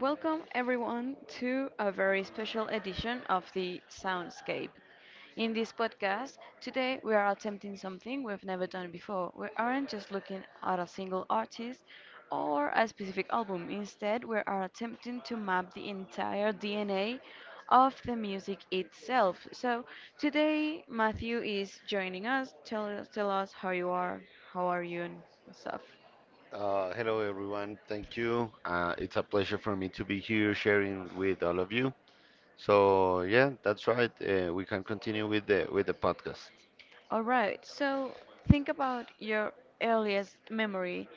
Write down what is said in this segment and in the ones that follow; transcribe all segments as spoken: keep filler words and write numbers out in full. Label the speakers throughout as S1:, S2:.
S1: Welcome everyone to a very special edition of the Soundscape. In this podcast, today we are attempting something we've never done before. We aren't just looking at a single artist or a specific album. Instead, we are attempting to map the entire D N A of the music itself. So today, Matthew is joining us. Tell us, tell us how you are, how are you, and stuff.
S2: Uh, hello, everyone. Thank you. Uh, it's a pleasure for me to be here sharing with all of you. So yeah, that's right. Uh, we can continue with the with the podcast.
S1: All right, so think about your earliest memory.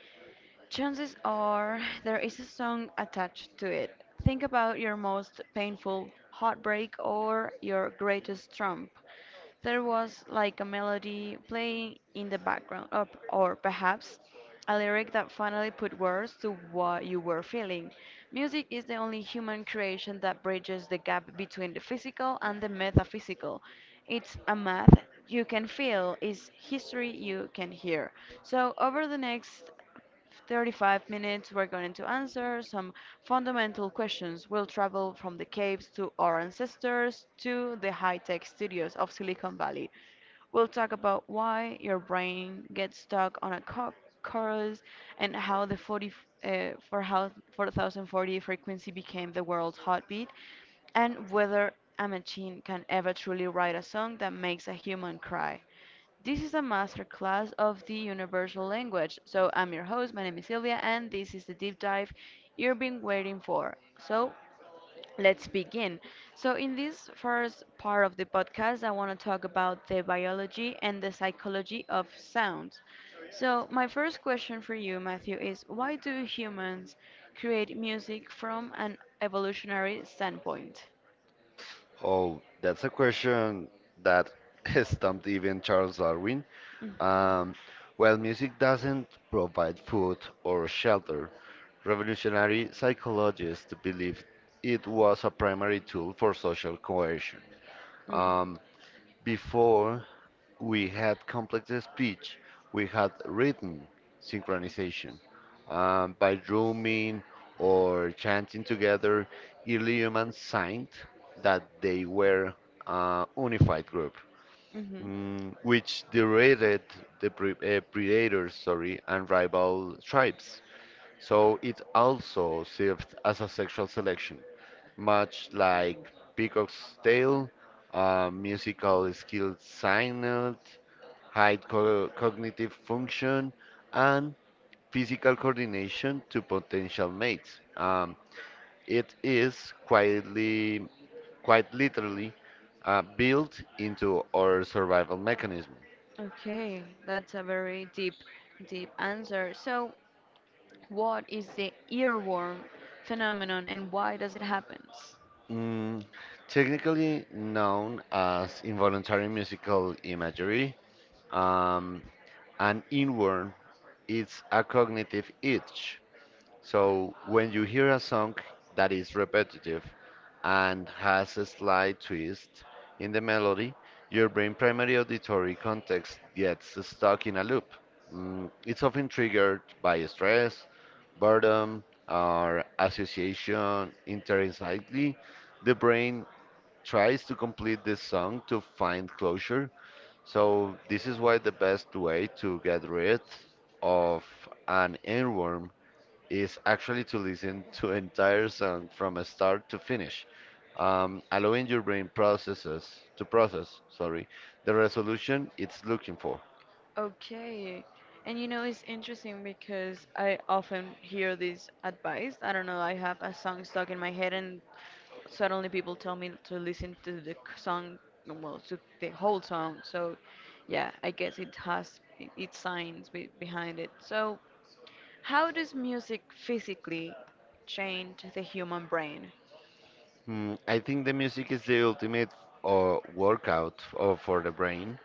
S1: Chances are there is a song attached to it. Think about your most painful heartbreak or your greatest trump. There was like a melody playing in the background, or, or perhaps a lyric that finally put words to what you were feeling. Music is the only human creation that bridges the gap between the physical and the metaphysical. It's a math you can feel, it's history you can hear. So, over the next thirty-five minutes, we're going to answer some fundamental questions. We'll travel from the caves to our ancestors to the high tech studios of Silicon Valley. We'll talk about why your brain gets stuck on a co- chorus and how the forty, uh, for how forty forty frequency became the world's heartbeat, and whether a machine can ever truly write a song that makes a human cry. This is a masterclass of the universal language. So I'm your host, my name is Sylvia, and this is the deep dive you've been waiting for. So let's begin. So in this first part of the podcast, I want to talk about the biology and the psychology of sounds. So my first question for you, Matthew, is why do humans create music from an evolutionary standpoint?
S2: Oh, that's a question that stumped even Charles Darwin. Um, well, music doesn't provide food or shelter. Revolutionary psychologists believed it was a primary tool for social coercion. Um, Before we had complex speech, we had written synchronization. Um, by drumming or chanting together, early humans signed that they were a unified group,
S1: Mm-hmm.
S2: mm, which derided the pre- uh, predators sorry, and rival tribes. So it also served as a sexual selection much like Peacock's Tale, uh, musical skill signed, high co- cognitive function, and physical coordination to potential mates. Um, it is quietly, quite literally, uh, built into our survival mechanism.
S1: Okay, that's a very deep, deep answer. So, what is the earworm phenomenon and why does it happen?
S2: Mm, technically known as involuntary musical imagery, um, an inworn is a cognitive itch. So when you hear a song that is repetitive and has a slight twist in the melody, your brain primary auditory context gets stuck in a loop. Mm, it's often triggered by stress, boredom, or association. Internally, the brain tries to complete the song to find closure. So this is why the best way to get rid of an earworm is actually to listen to entire song from a start to finish, um, allowing your brain processes to process, sorry, the resolution it's looking for.
S1: Okay, and you know it's interesting because I often hear this advice. I don't know, I have a song stuck in my head, and suddenly people tell me to listen to the c- song, well, to the whole song. So, yeah, I guess it has i- its science be behind it. So, how does music physically change the human brain?
S2: Hmm, I think the music is the ultimate uh, workout uh, for the brain.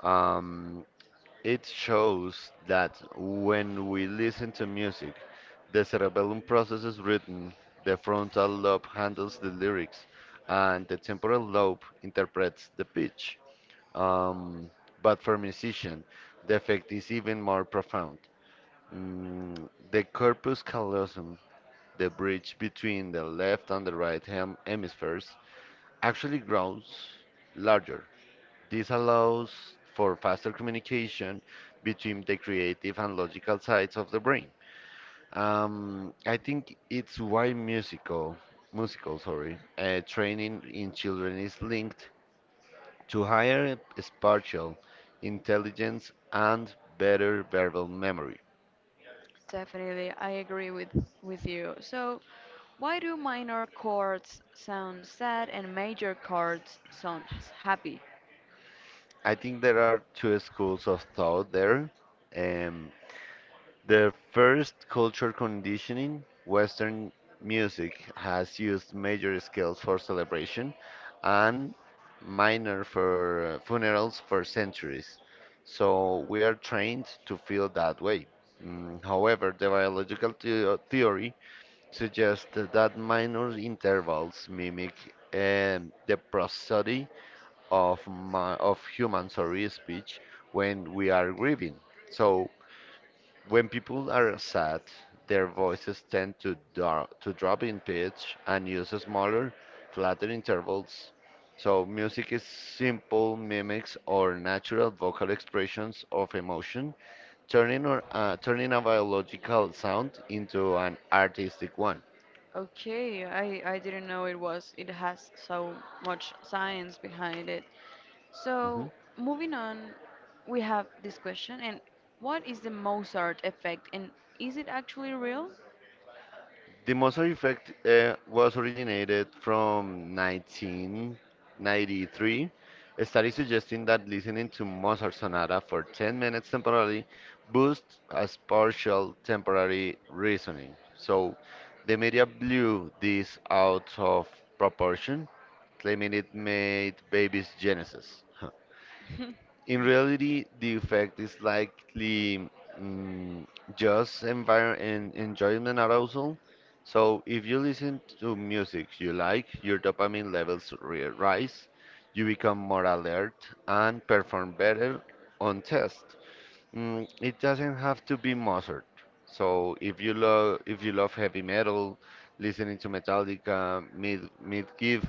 S2: Um, it shows that when we listen to music, the cerebellum processes rhythm, the frontal lobe handles the lyrics, and the temporal lobe interprets the pitch. Um, but for musician, the effect is even more profound. Mm, the corpus callosum, the bridge between the left and the right hem hemispheres, actually grows larger. This allows for faster communication between the creative and logical sides of the brain. Um, I think it's why musical, musical, sorry, uh, training in children is linked to higher spatial intelligence and better verbal memory.
S1: Definitely, I agree with, with you. So, why do minor chords sound sad and major chords sound s- happy?
S2: I think there are two schools of thought there. Um, the first, culture conditioning. Western music has used major scales for celebration and minor for uh, funerals for centuries. So we are trained to feel that way. Mm, however, the biological theo- theory suggest that minor intervals mimic um, the prosody of my, of human sorry speech when we are grieving. So when people are sad, their voices tend to dro- to drop in pitch and use smaller, flatter intervals. So music is simple mimics or natural vocal expressions of emotion, turning or uh, turning a biological sound into an artistic one.
S1: Okay, I, I didn't know it was it has so much science behind it.
S2: Mm-hmm.
S1: So, moving on, we have this question and what is the Mozart effect and is it actually real?
S2: The Mozart effect uh, was originated from nineteen ninety-three. A study suggesting that listening to Mozart sonata for ten minutes temporarily boosts a partial temporary reasoning. So the media blew this out of proportion, claiming it made babies geniuses. In reality, the effect is likely mm, just envir- en- enjoyment arousal. So, if you listen to music you like, your dopamine levels re- rise, you become more alert, and perform better on tests. Mm, it doesn't have to be Mozart. So, if you love if you love heavy metal, listening to Metallica, mid mid give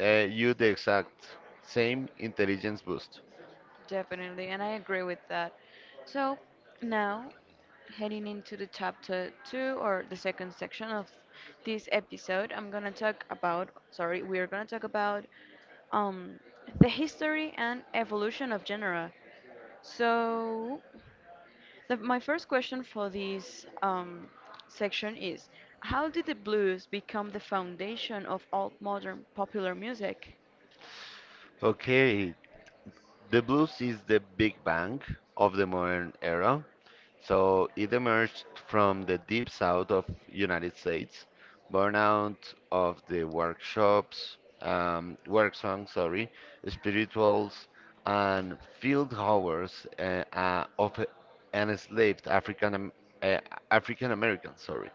S2: uh, you the exact same intelligence boost.
S1: Definitely, and I agree with that. So now, heading into the chapter two or the second section of this episode, I'm gonna talk about, sorry, we're gonna talk about um, the history and evolution of genre. So, the, my first question for this um, section is, how did the blues become the foundation of all modern popular music?
S2: Okay, the blues is the big bang of the modern era. So it emerged from the deep south of United States, born out of the workshops, um, work songs, sorry, spirituals, and field hours uh, uh, of uh, enslaved African Am- uh, African Americans, sorry.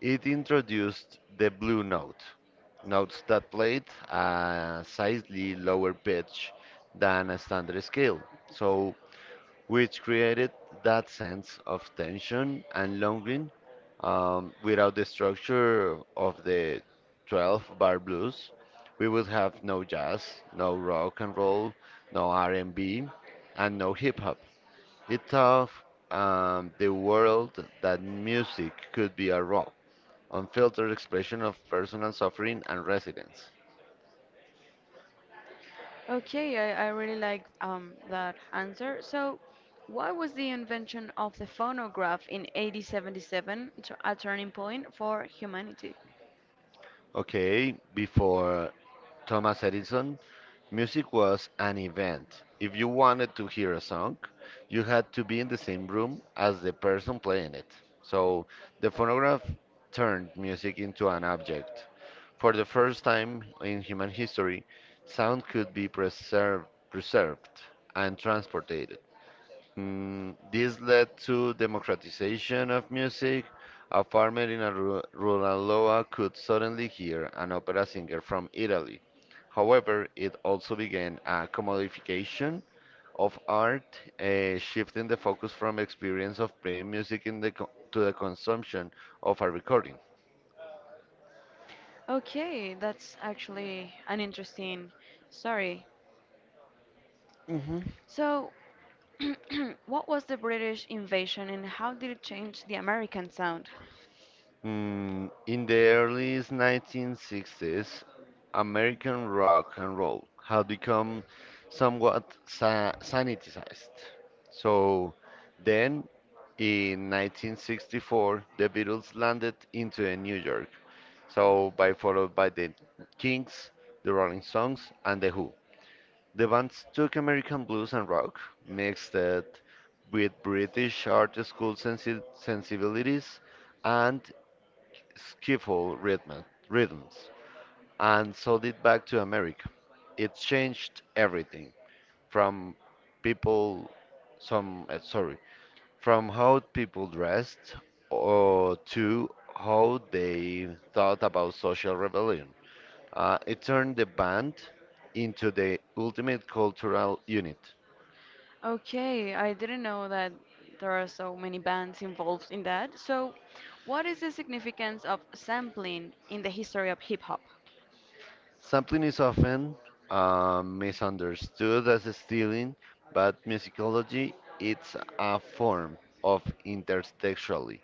S2: It introduced the blue note, notes that played a slightly lower pitch than a standard scale, so which created that sense of tension and longing um, without the structure of the twelve bar blues. We would have no jazz, no rock and roll, no R and B, and B, and no hip hop. It taught um, the world that music could be a raw unfiltered expression of personal suffering and resilience.
S1: Okay, I, I really like um, that answer. So, why was the invention of the phonograph in eighteen seventy-seven t- a turning point for humanity?
S2: Okay, before Thomas Edison, music was an event. If you wanted to hear a song, you had to be in the same room as the person playing it. So the phonograph turned music into an object. For the first time in human history, sound could be preserved, preserved and transported. Mm, this led to democratization of music. A farmer in a ru- rural Loa could suddenly hear an opera singer from Italy. However, it also began a commodification of art, uh, shifting the focus from experience of playing music in the co- to the consumption of a recording.
S1: Okay, that's actually an interesting story.
S2: Hmm.
S1: So, what was the British invasion and how did it change the American sound?
S2: Mm, in the early nineteen sixties, American rock and roll had become somewhat sa sanitized. So then, in nineteen sixty-four, the Beatles landed into in New York. So by followed by the Kings, the Rolling Stones, and the Who. The bands took American blues and rock, mixed it with British art school sensi sensibilities, and skiffle rhythm, rhythms and sold it back to America. It changed everything from people, some uh, sorry, from how people dressed or to how they thought about social rebellion. Uh, it turned the band into the ultimate cultural unit.
S1: Okay, I didn't know that there are so many bands involved in that. So, what is the significance of sampling in the history of hip hop?
S2: Sampling is often um, misunderstood as stealing, but musicology it's a form of intertextuality.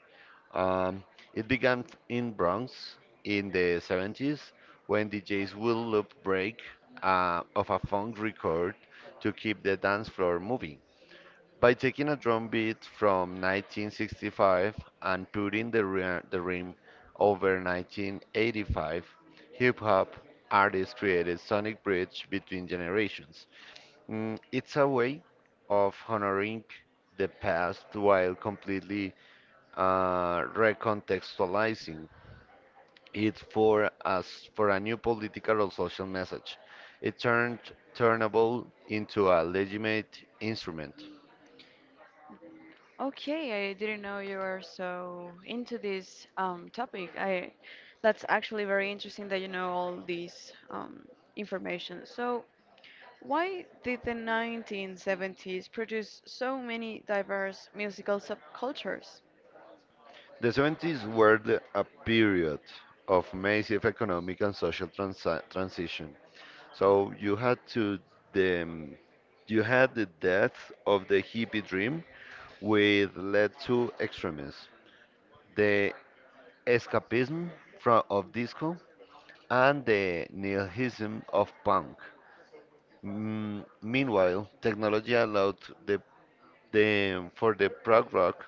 S2: Um, it began in Bronx in the seventies when D Js would loop break uh, of a funk record to keep the dance floor moving. By taking a drum beat from nineteen sixty-five and putting the, ri- the rim over nineteen eighty-five, hip hop artists created sonic bridge between generations. Mm, it's a way of honoring the past while completely uh, recontextualizing it for us for a new political or social message. It turned turnable into a legitimate instrument.
S1: Okay, I didn't know you were so into this um, topic. I that's actually very interesting that you know all these um, information. So, why did the nineteen seventies produce so many diverse musical subcultures?
S2: The seventies were the, a period of massive economic and social transi transition. So you had to the um, you had the death of the hippie dream, which led to extremism, the escapism from of disco, and the nihilism of punk. Mm, meanwhile, technology allowed the, the for the prog rock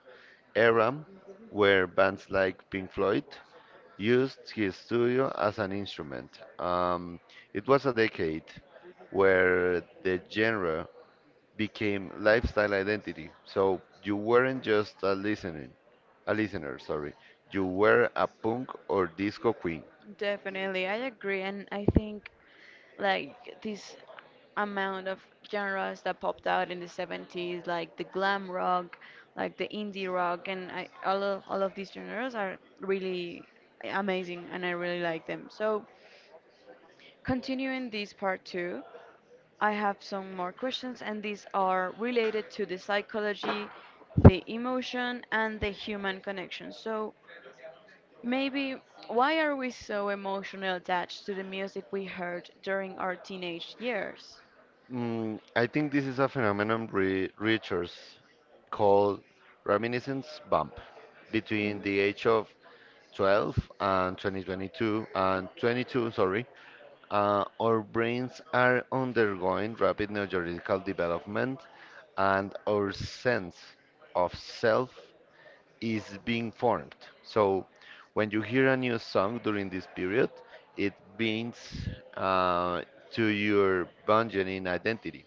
S2: era, where bands like Pink Floyd used his studio as an instrument. Um, it was a decade where the genre became lifestyle identity. So you weren't just a listening, a listener, sorry. You were a punk or disco queen.
S1: Definitely, I agree, and I think like this amount of genres that popped out in the seventies, like the glam rock, like the indie rock, and I, all of, all of these genres are really amazing, and I really like them. So, continuing this part two, I have some more questions, and these are related to the psychology, the emotion, and the human connection. So, maybe why are we so emotionally attached to the music we heard during our teenage years?
S2: Mm, I think this is a phenomenon re Richards called reminiscence bump between
S1: Mm.
S2: the age of twelve and twenty twenty-two and twenty-two, sorry. Uh, our brains are undergoing rapid neurological development and our sense of self is being formed. So when you hear a new song during this period, it brings uh, to your burgeoning identity.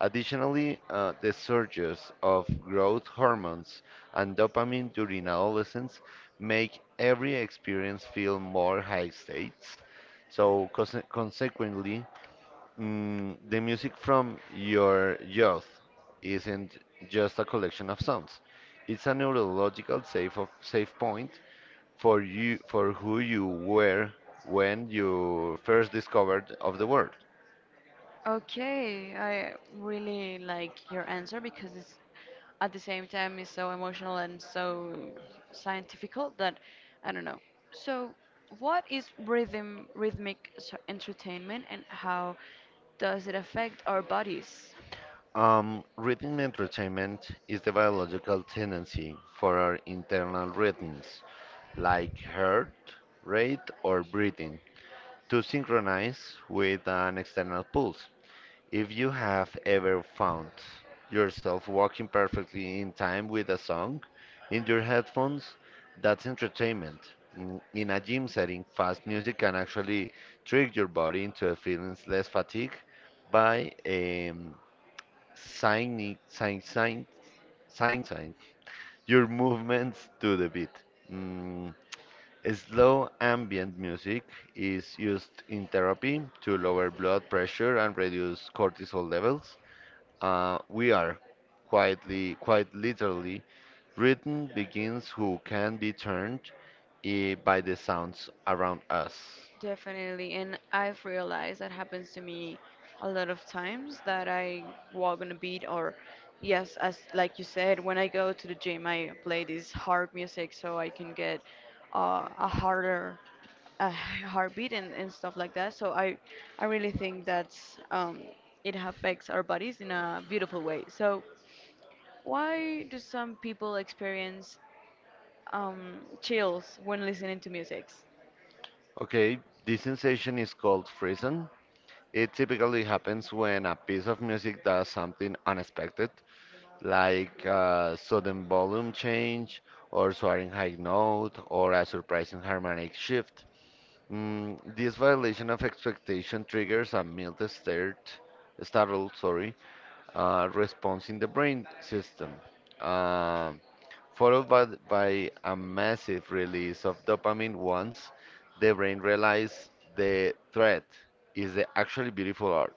S2: Additionally, uh, the surges of growth hormones and dopamine during adolescence make every experience feel more high states. So, conse- consequently, mm, the music from your youth isn't just a collection of sounds. It's a neurological safe of, safe point for you for who you were when you first discovered of the world.
S1: Okay, I really like your answer because it's at the same time it's so emotional and so scientifical that I don't know. So, what is rhythm rhythmic s- entertainment and how does it affect our bodies?
S2: Um, rhythm entertainment is the biological tendency for our internal rhythms, like heart rate or breathing, to synchronize with an external pulse. If you have ever found yourself walking perfectly in time with a song in your headphones, that's entertainment. In, in a gym setting, fast music can actually trick your body into a feeling less fatigued by um, signing, sign, sign, sign, sign your movements to the beat. Mm, slow ambient music is used in therapy to lower blood pressure and reduce cortisol levels. Uh, we are quietly, quite literally, written begins who can be turned eh, by the sounds around us.
S1: Definitely, and I've realized that happens to me a lot of times that I walk on a beat or yes, as like you said, when I go to the gym, I play this hard music so I can get uh, a harder a heartbeat and, and stuff like that. So I I really think that's um, it affects our bodies in a beautiful way. So why do some people experience um, chills when listening to music?
S2: Okay, this sensation is called frisson. It typically happens when a piece of music does something unexpected, like uh, sudden volume change, or soaring high note, or a surprising harmonic shift. Mm, this violation of expectation triggers a mild start, startled, sorry, uh, response in the brain system, um, followed by, th- by a massive release of dopamine once the brain realizes the threat is the actually beautiful art.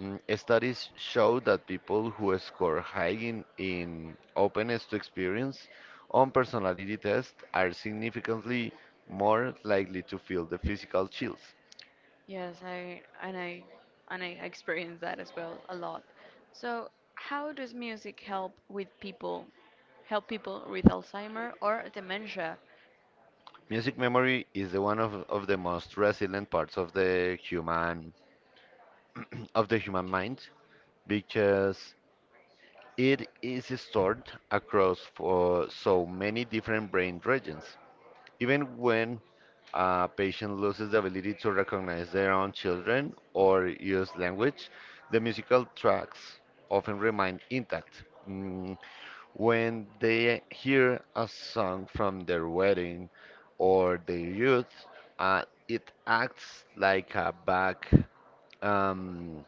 S2: Mm, studies show that people who score high in, in openness to experience on personality tests are significantly more likely to feel the physical chills.
S1: Yes, I and I and I experience that as well a lot. So, how does music help with people, help people with Alzheimer or dementia?
S2: Music memory is the one of, of the most resilient parts of the human of the human mind because it is stored across for so many different brain regions. Even when a patient loses the ability to recognize their own children or use language. The musical tracks often remain intact. Mm, when they hear a song from their wedding or their youth, uh, it acts like a back, um,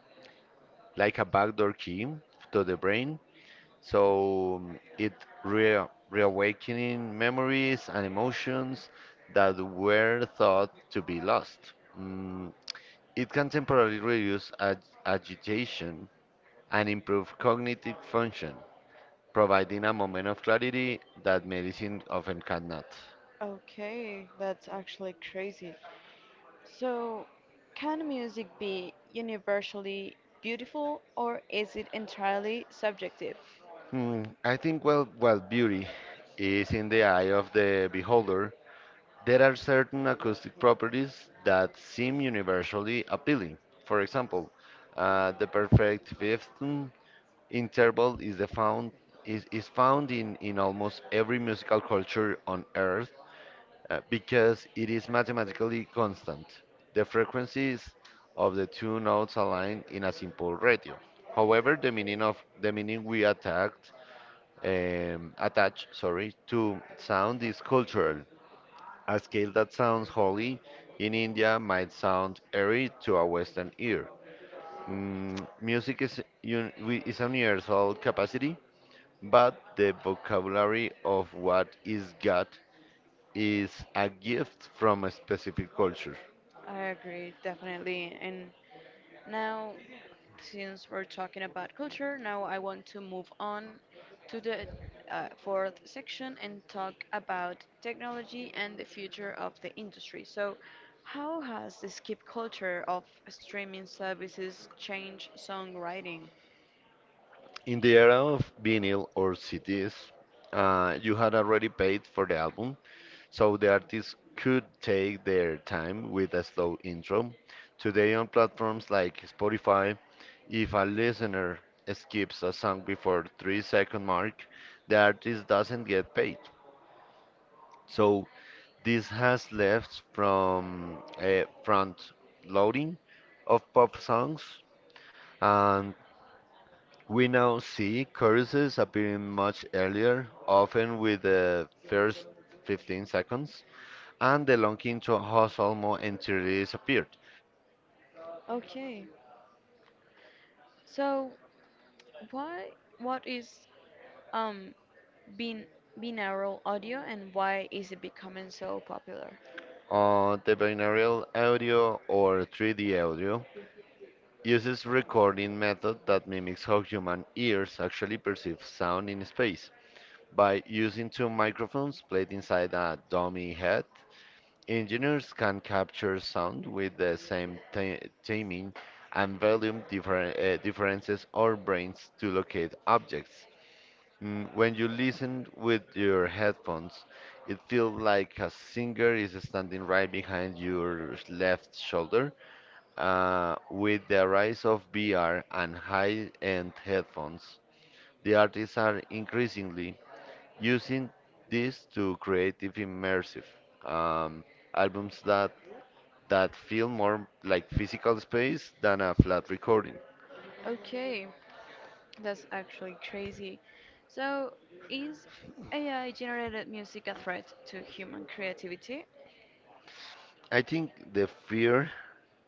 S2: like a backdoor key to the brain so mm, it re reawakening memories and emotions that were thought to be lost. Mm, it can temporarily reduce ag agitation and improve cognitive function, providing a moment of clarity that medicine often cannot.
S1: Okay, that's actually crazy. So, can music be universally beautiful or is it entirely subjective?
S2: Hmm, I think well, well, beauty is in the eye of the beholder. There are certain acoustic properties that seem universally appealing. For example, uh, the perfect fifth interval is the found is, is found in, in almost every musical culture on earth uh, because it is mathematically constant. The frequencies of the two notes align in a simple ratio. However, the meaning of the meaning we attacked um, attach sorry to sound is cultural. A scale that sounds holy in India might sound airy to a Western ear. Mm, music is, un- wi- is a universal capacity, but the vocabulary of what is God is a gift from a specific culture.
S1: I agree, definitely. And now, since we're talking about culture, now I want to move on to the uh, fourth section and talk about technology and the future of the industry. So, how has the skip culture of streaming services changed songwriting?
S2: In the era of vinyl or C Ds, uh, you had already paid for the album, so the artist could take their time with a slow intro. Today, on platforms like Spotify, if a listener skips a song before three second mark, the artist doesn't get paid. So this has left from a front loading of pop songs, and we now see choruses appearing much earlier, often with the first fifteen seconds. And the longing to has almost entirely disappeared.
S1: Okay, so why what is um bin binaural audio and why is it becoming so popular?
S2: Uh, the binaural audio or three D audio uses recording method that mimics how human ears actually perceive sound in space. By using two microphones placed inside a dummy head, engineers can capture sound with the same ti- timing and volume differ- uh, differences or brains to locate objects. Mm, When you listen with your headphones, it feels like a singer is standing right behind your left shoulder. Uh, with the rise of V R and high-end headphones, the artists are increasingly using this to create immersive um, albums that that feel more like physical space than a flat recording.
S1: Okay, that's actually crazy. So, is A I generated music a threat to human creativity?
S2: I think the fear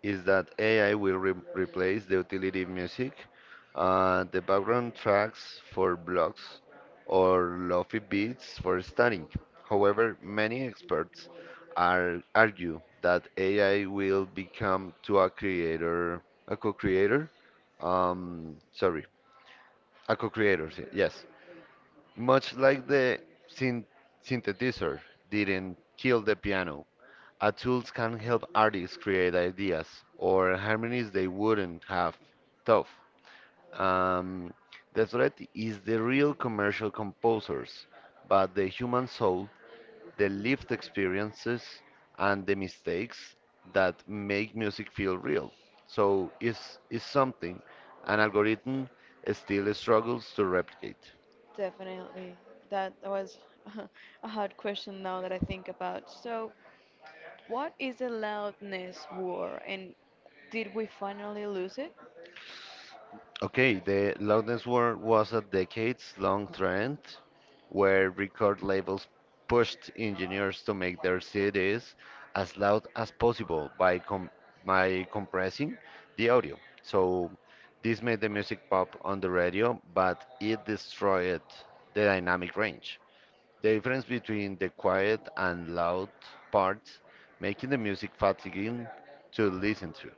S2: is that A I will re replace the utility music, uh, the background tracks for blogs, or lofi beats for studying. However, many experts are argue that A I will become to a creator, a co-creator, um, sorry, a co-creator, s- yes, much like the syn synthesizer didn't kill the piano. A tools can help artists create ideas or harmonies they wouldn't have thought. Um, the threat is the real commercial composers, but the human soul, the lived experiences, and the mistakes that make music feel real. So, it's it's something an algorithm still struggles to replicate.
S1: Definitely. That was a hard question now that I think about. So, what is the loudness war and did we finally lose it?
S2: Okay, the loudness war was a decades-long trend where record labels pushed engineers to make their C Ds as loud as possible by com by compressing the audio. So this made the music pop on the radio, but it destroyed the dynamic range. The difference between the quiet and loud parts, making the music fatiguing to listen to.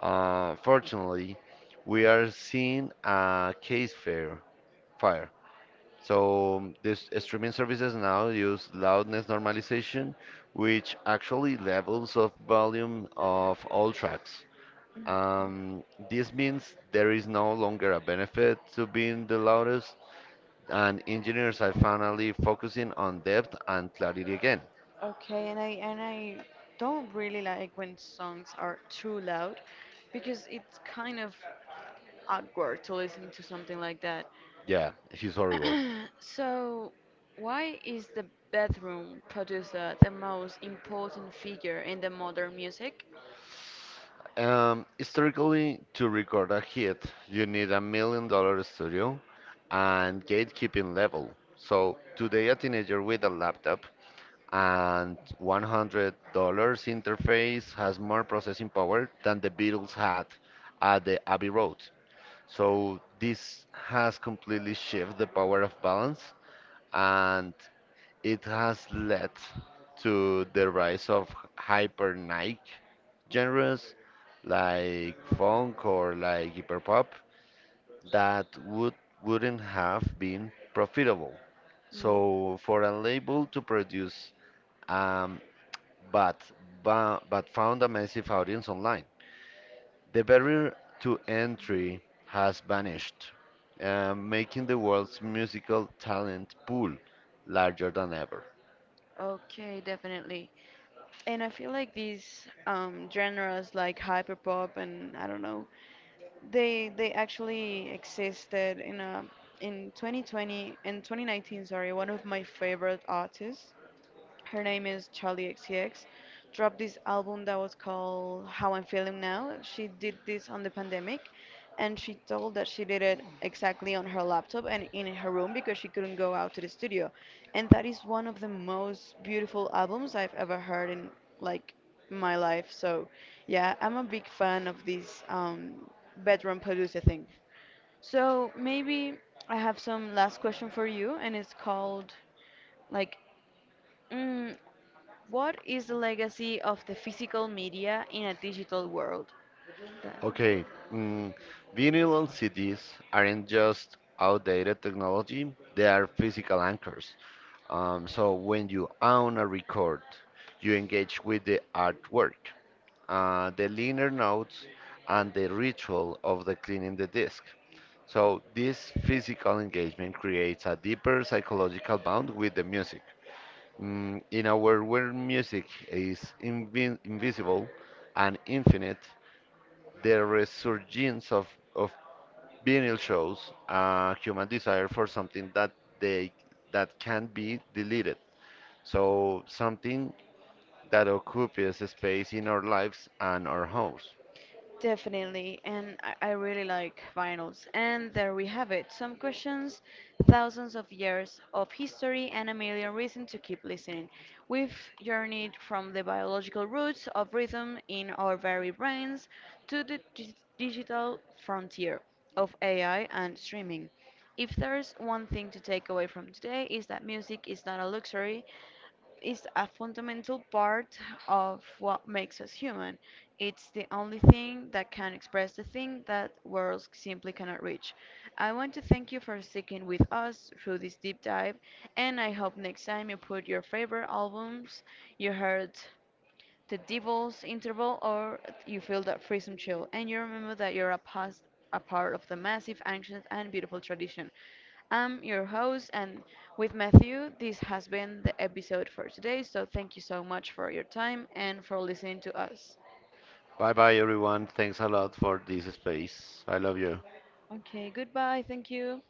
S2: Uh, fortunately, we are seeing a case fair fire. So um, this streaming services now use loudness normalization, which actually levels of volume of all tracks. Um, this means there is no longer a benefit to being the loudest, and engineers are finally focusing on depth and clarity again.
S1: Okay, and I and I don't really like when songs are too loud because it's kind of awkward to listen to something like that.
S2: Yeah, he's horrible.
S1: So, why is the bedroom producer the most important figure in the modern music?
S2: Um, historically, to record a hit, you need a million dollar studio and gatekeeping level. So today, a teenager with a laptop and one hundred dollar interface has more processing power than the Beatles had at the Abbey Road. So this has completely shifted the power of balance, and it has led to the rise of hyper Nike genres like funk or like hyperpop that would wouldn't have been profitable.
S1: Mm,
S2: So for a label to produce um, but bu- but found a massive audience online, the barrier to entry has vanished, uh, making the world's musical talent pool larger than ever.
S1: okay, definitely. And I feel like these um, genres like hyperpop and I don't know, they they actually existed in a in twenty twenty in twenty nineteen, sorry, one of my favorite artists her name is Charlie X C X, dropped this album that was called How I'm Feeling Now. She did this on the pandemic and she told that she did it exactly on her laptop and in her room because she couldn't go out to the studio. And that is one of the most beautiful albums I've ever heard in like my life. So yeah, I'm a big fan of this um, bedroom producer thing. So maybe I have some last question for you, and it's called like, mm, what is the legacy of the physical media in a digital world? Th-
S2: Okay, mm, vinyl and C Ds aren't just outdated technology, they are physical anchors. Um, so when you own a record, you engage with the artwork, uh, the liner notes, and the ritual of the cleaning the disc. So this physical engagement creates a deeper psychological bond with the music. Mm, in a world where music is invin invisible and infinite, the resurgence of, of Vinyl shows a human desire for something that they that can be deleted. So something that occupies space in our lives and our homes.
S1: Definitely, and I I really like vinyls. And there we have it. Some questions, thousands of years of history, and a million reasons to keep listening. We've journeyed from the biological roots of rhythm in our very brains to the dig- digital frontier of A I and streaming. If there's one thing to take away from today is that music is not a luxury is a fundamental part of what makes us human. It's the only thing that can express the thing that words simply cannot reach. I want to thank you for sticking with us through this deep dive, and I hope next time you put your favorite albums you heard the divorce interval or you feel that freezing chill and you remember that you're a past a part of the massive ancient and beautiful tradition. I'm your host, and with Matthew, this has been the episode for today, so thank you so much for your time and for listening to us.
S2: Bye bye everyone. Thanks a lot for this space. I love you.
S1: Okay, goodbye, thank you.